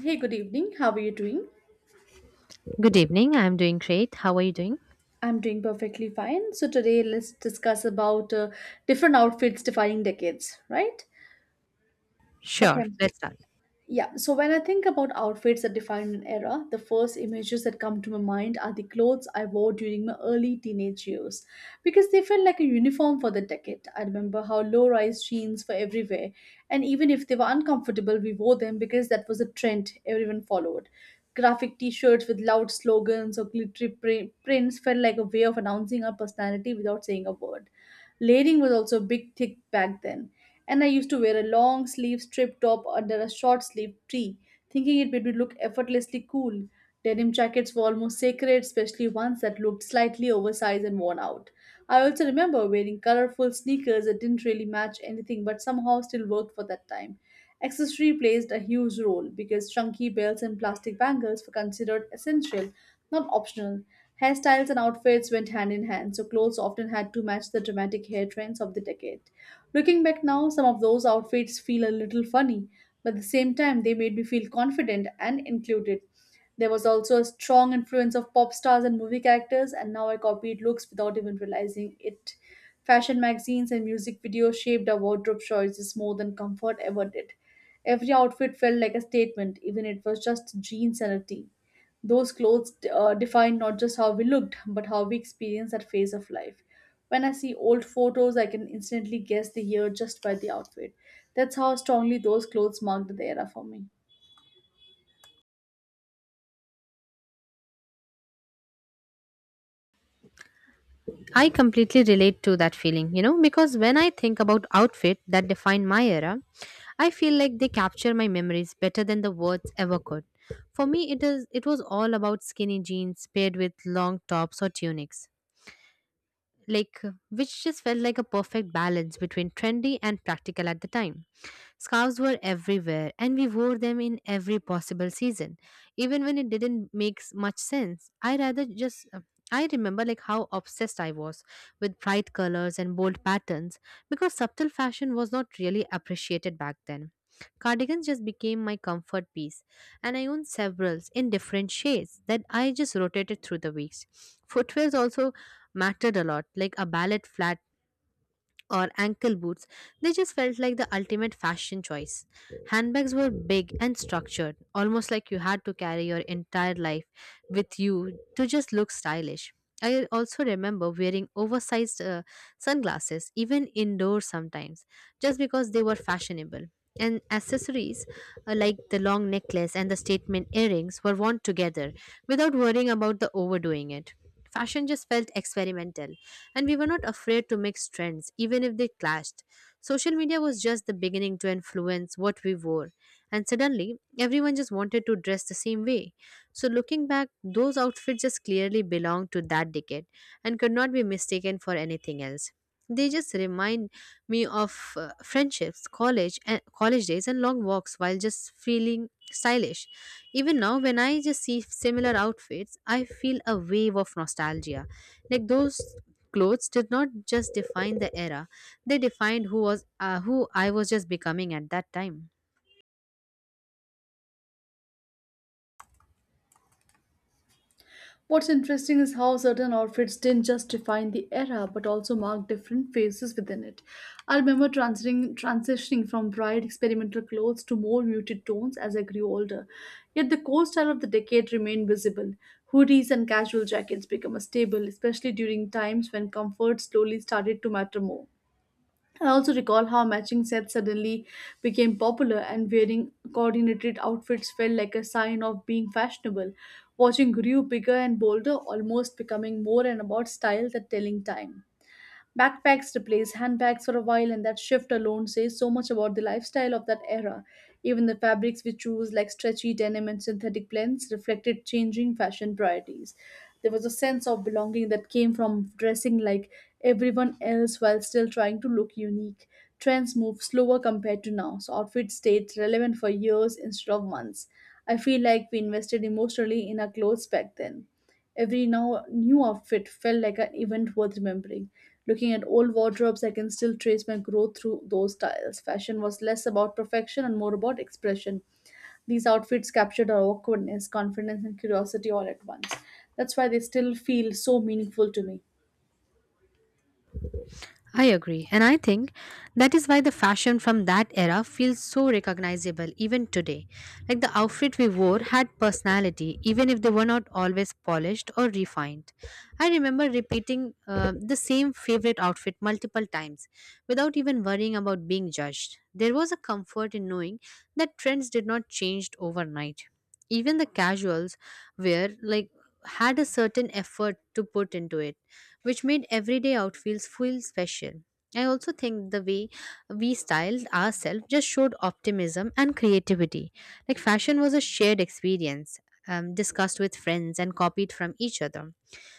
Hey, good evening. How are you doing? Good evening. I'm doing great. How are you doing? I'm doing perfectly fine. So today let's discuss about different outfits defining decades, right? Okay. Sure, let's start. Yeah, so when I think about outfits that define an era, the first images that come to my mind are the clothes I wore during my early teenage years because they felt like a uniform for the decade. I remember how low rise jeans were everywhere, and even if they were uncomfortable, we wore them because that was a trend everyone followed. Graphic t shirts with loud slogans or prints felt like a way of announcing our personality without saying a word. Layering was also big thick back then, and I used to wear a long sleeve strip top under a short sleeve tee, thinking it made me look effortlessly cool. Denim jackets were almost sacred, especially ones that looked slightly oversized and worn out. I also remember wearing colorful sneakers that didn't really match anything but somehow still worked for that time. Accessory placed a huge role because chunky belts and plastic bangles were considered essential, not optional. Hairstyles and outfits went hand in hand, so clothes often had to match the dramatic hair trends of the decade. Looking back now, some of those outfits feel a little funny, but at the same time, they made me feel confident and included. There was also a strong influence of pop stars and movie characters, and now I copied looks without even realizing it. Fashion magazines and music videos shaped our wardrobe choices more than comfort ever did. Every outfit felt like a statement, even if it was just jeans and a tee. Those clothes defined not just how we looked, but how we experienced that phase of life. When I see old photos, I can instantly guess the year just by the outfit. That's how strongly those clothes marked the era for me. I completely relate to that feeling, you know, because when I think about outfit that define my era, I feel like they capture my memories better than the words ever could. For me, it was all about skinny jeans paired with long tops or tunics. Like which just felt like a perfect balance between trendy and practical at the time. Scarves were everywhere and we wore them in every possible season, even when it didn't make much sense. I rather just I remember like how obsessed I was with bright colors and bold patterns because subtle fashion was not really appreciated back then. Cardigans just became my comfort piece, and I own several in different shades that I just rotated through the weeks. Footwears also mattered a lot, like a ballet flat or ankle boots, they just felt like the ultimate fashion choice. Handbags were big and structured, almost like you had to carry your entire life with you to just look stylish. I also remember wearing oversized sunglasses, even indoors sometimes, just because they were fashionable. And accessories like the long necklace and the statement earrings were worn together without worrying about the overdoing it. Fashion just felt experimental and we were not afraid to mix trends, even if they clashed. Social media was just the beginning to influence what we wore, and suddenly everyone just wanted to dress the same way. So, looking back, those outfits just clearly belonged to that decade and could not be mistaken for anything else. They just remind me of friendships, college, and college days, and long walks while just feeling stylish. Even now, when I just see similar outfits, I feel a wave of nostalgia. Like those clothes did not just define the era; they defined who I was just becoming at that time. What's interesting is how certain outfits didn't just define the era but also mark different phases within it. I remember transitioning from bright experimental clothes to more muted tones as I grew older. Yet the core style of the decade remained visible. Hoodies and casual jackets became a staple, especially during times when comfort slowly started to matter more. I also recall how matching sets suddenly became popular and wearing coordinated outfits felt like a sign of being fashionable. Watching grew bigger and bolder, almost becoming more and about style than telling time. Backpacks replaced handbags for a while, and that shift alone says so much about the lifestyle of that era. Even the fabrics we choose, like stretchy denim and synthetic blends, reflected changing fashion priorities. There was a sense of belonging that came from dressing like everyone else while still trying to look unique. Trends moved slower compared to now, so outfits stayed relevant for years instead of months. I feel like we invested emotionally in our clothes back then. Every now new outfit felt like an event worth remembering. Looking at old wardrobes, I can still trace my growth through those styles. Fashion was less about perfection and more about expression. These outfits captured our awkwardness, confidence, and curiosity all at once. That's why they still feel so meaningful to me. I agree. And I think that is why the fashion from that era feels so recognizable even today. Like the outfit we wore had personality, even if they were not always polished or refined. I remember repeating the same favorite outfit multiple times without even worrying about being judged. There was a comfort in knowing that trends did not change overnight. Even the casuals wear, like, had a certain effort to put into it which made everyday out feels feel special. I also think the way we styled ourselves just showed optimism and creativity. Like fashion was a shared experience, discussed with friends and copied from each other.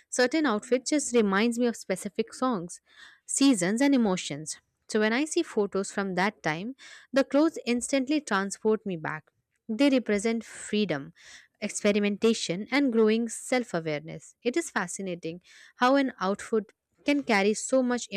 Certain outfits just reminds me of specific songs, seasons and emotions. So when I see photos from that time, the clothes instantly transport me back. They represent freedom, experimentation and growing self-awareness. It is fascinating how an outfit can carry so much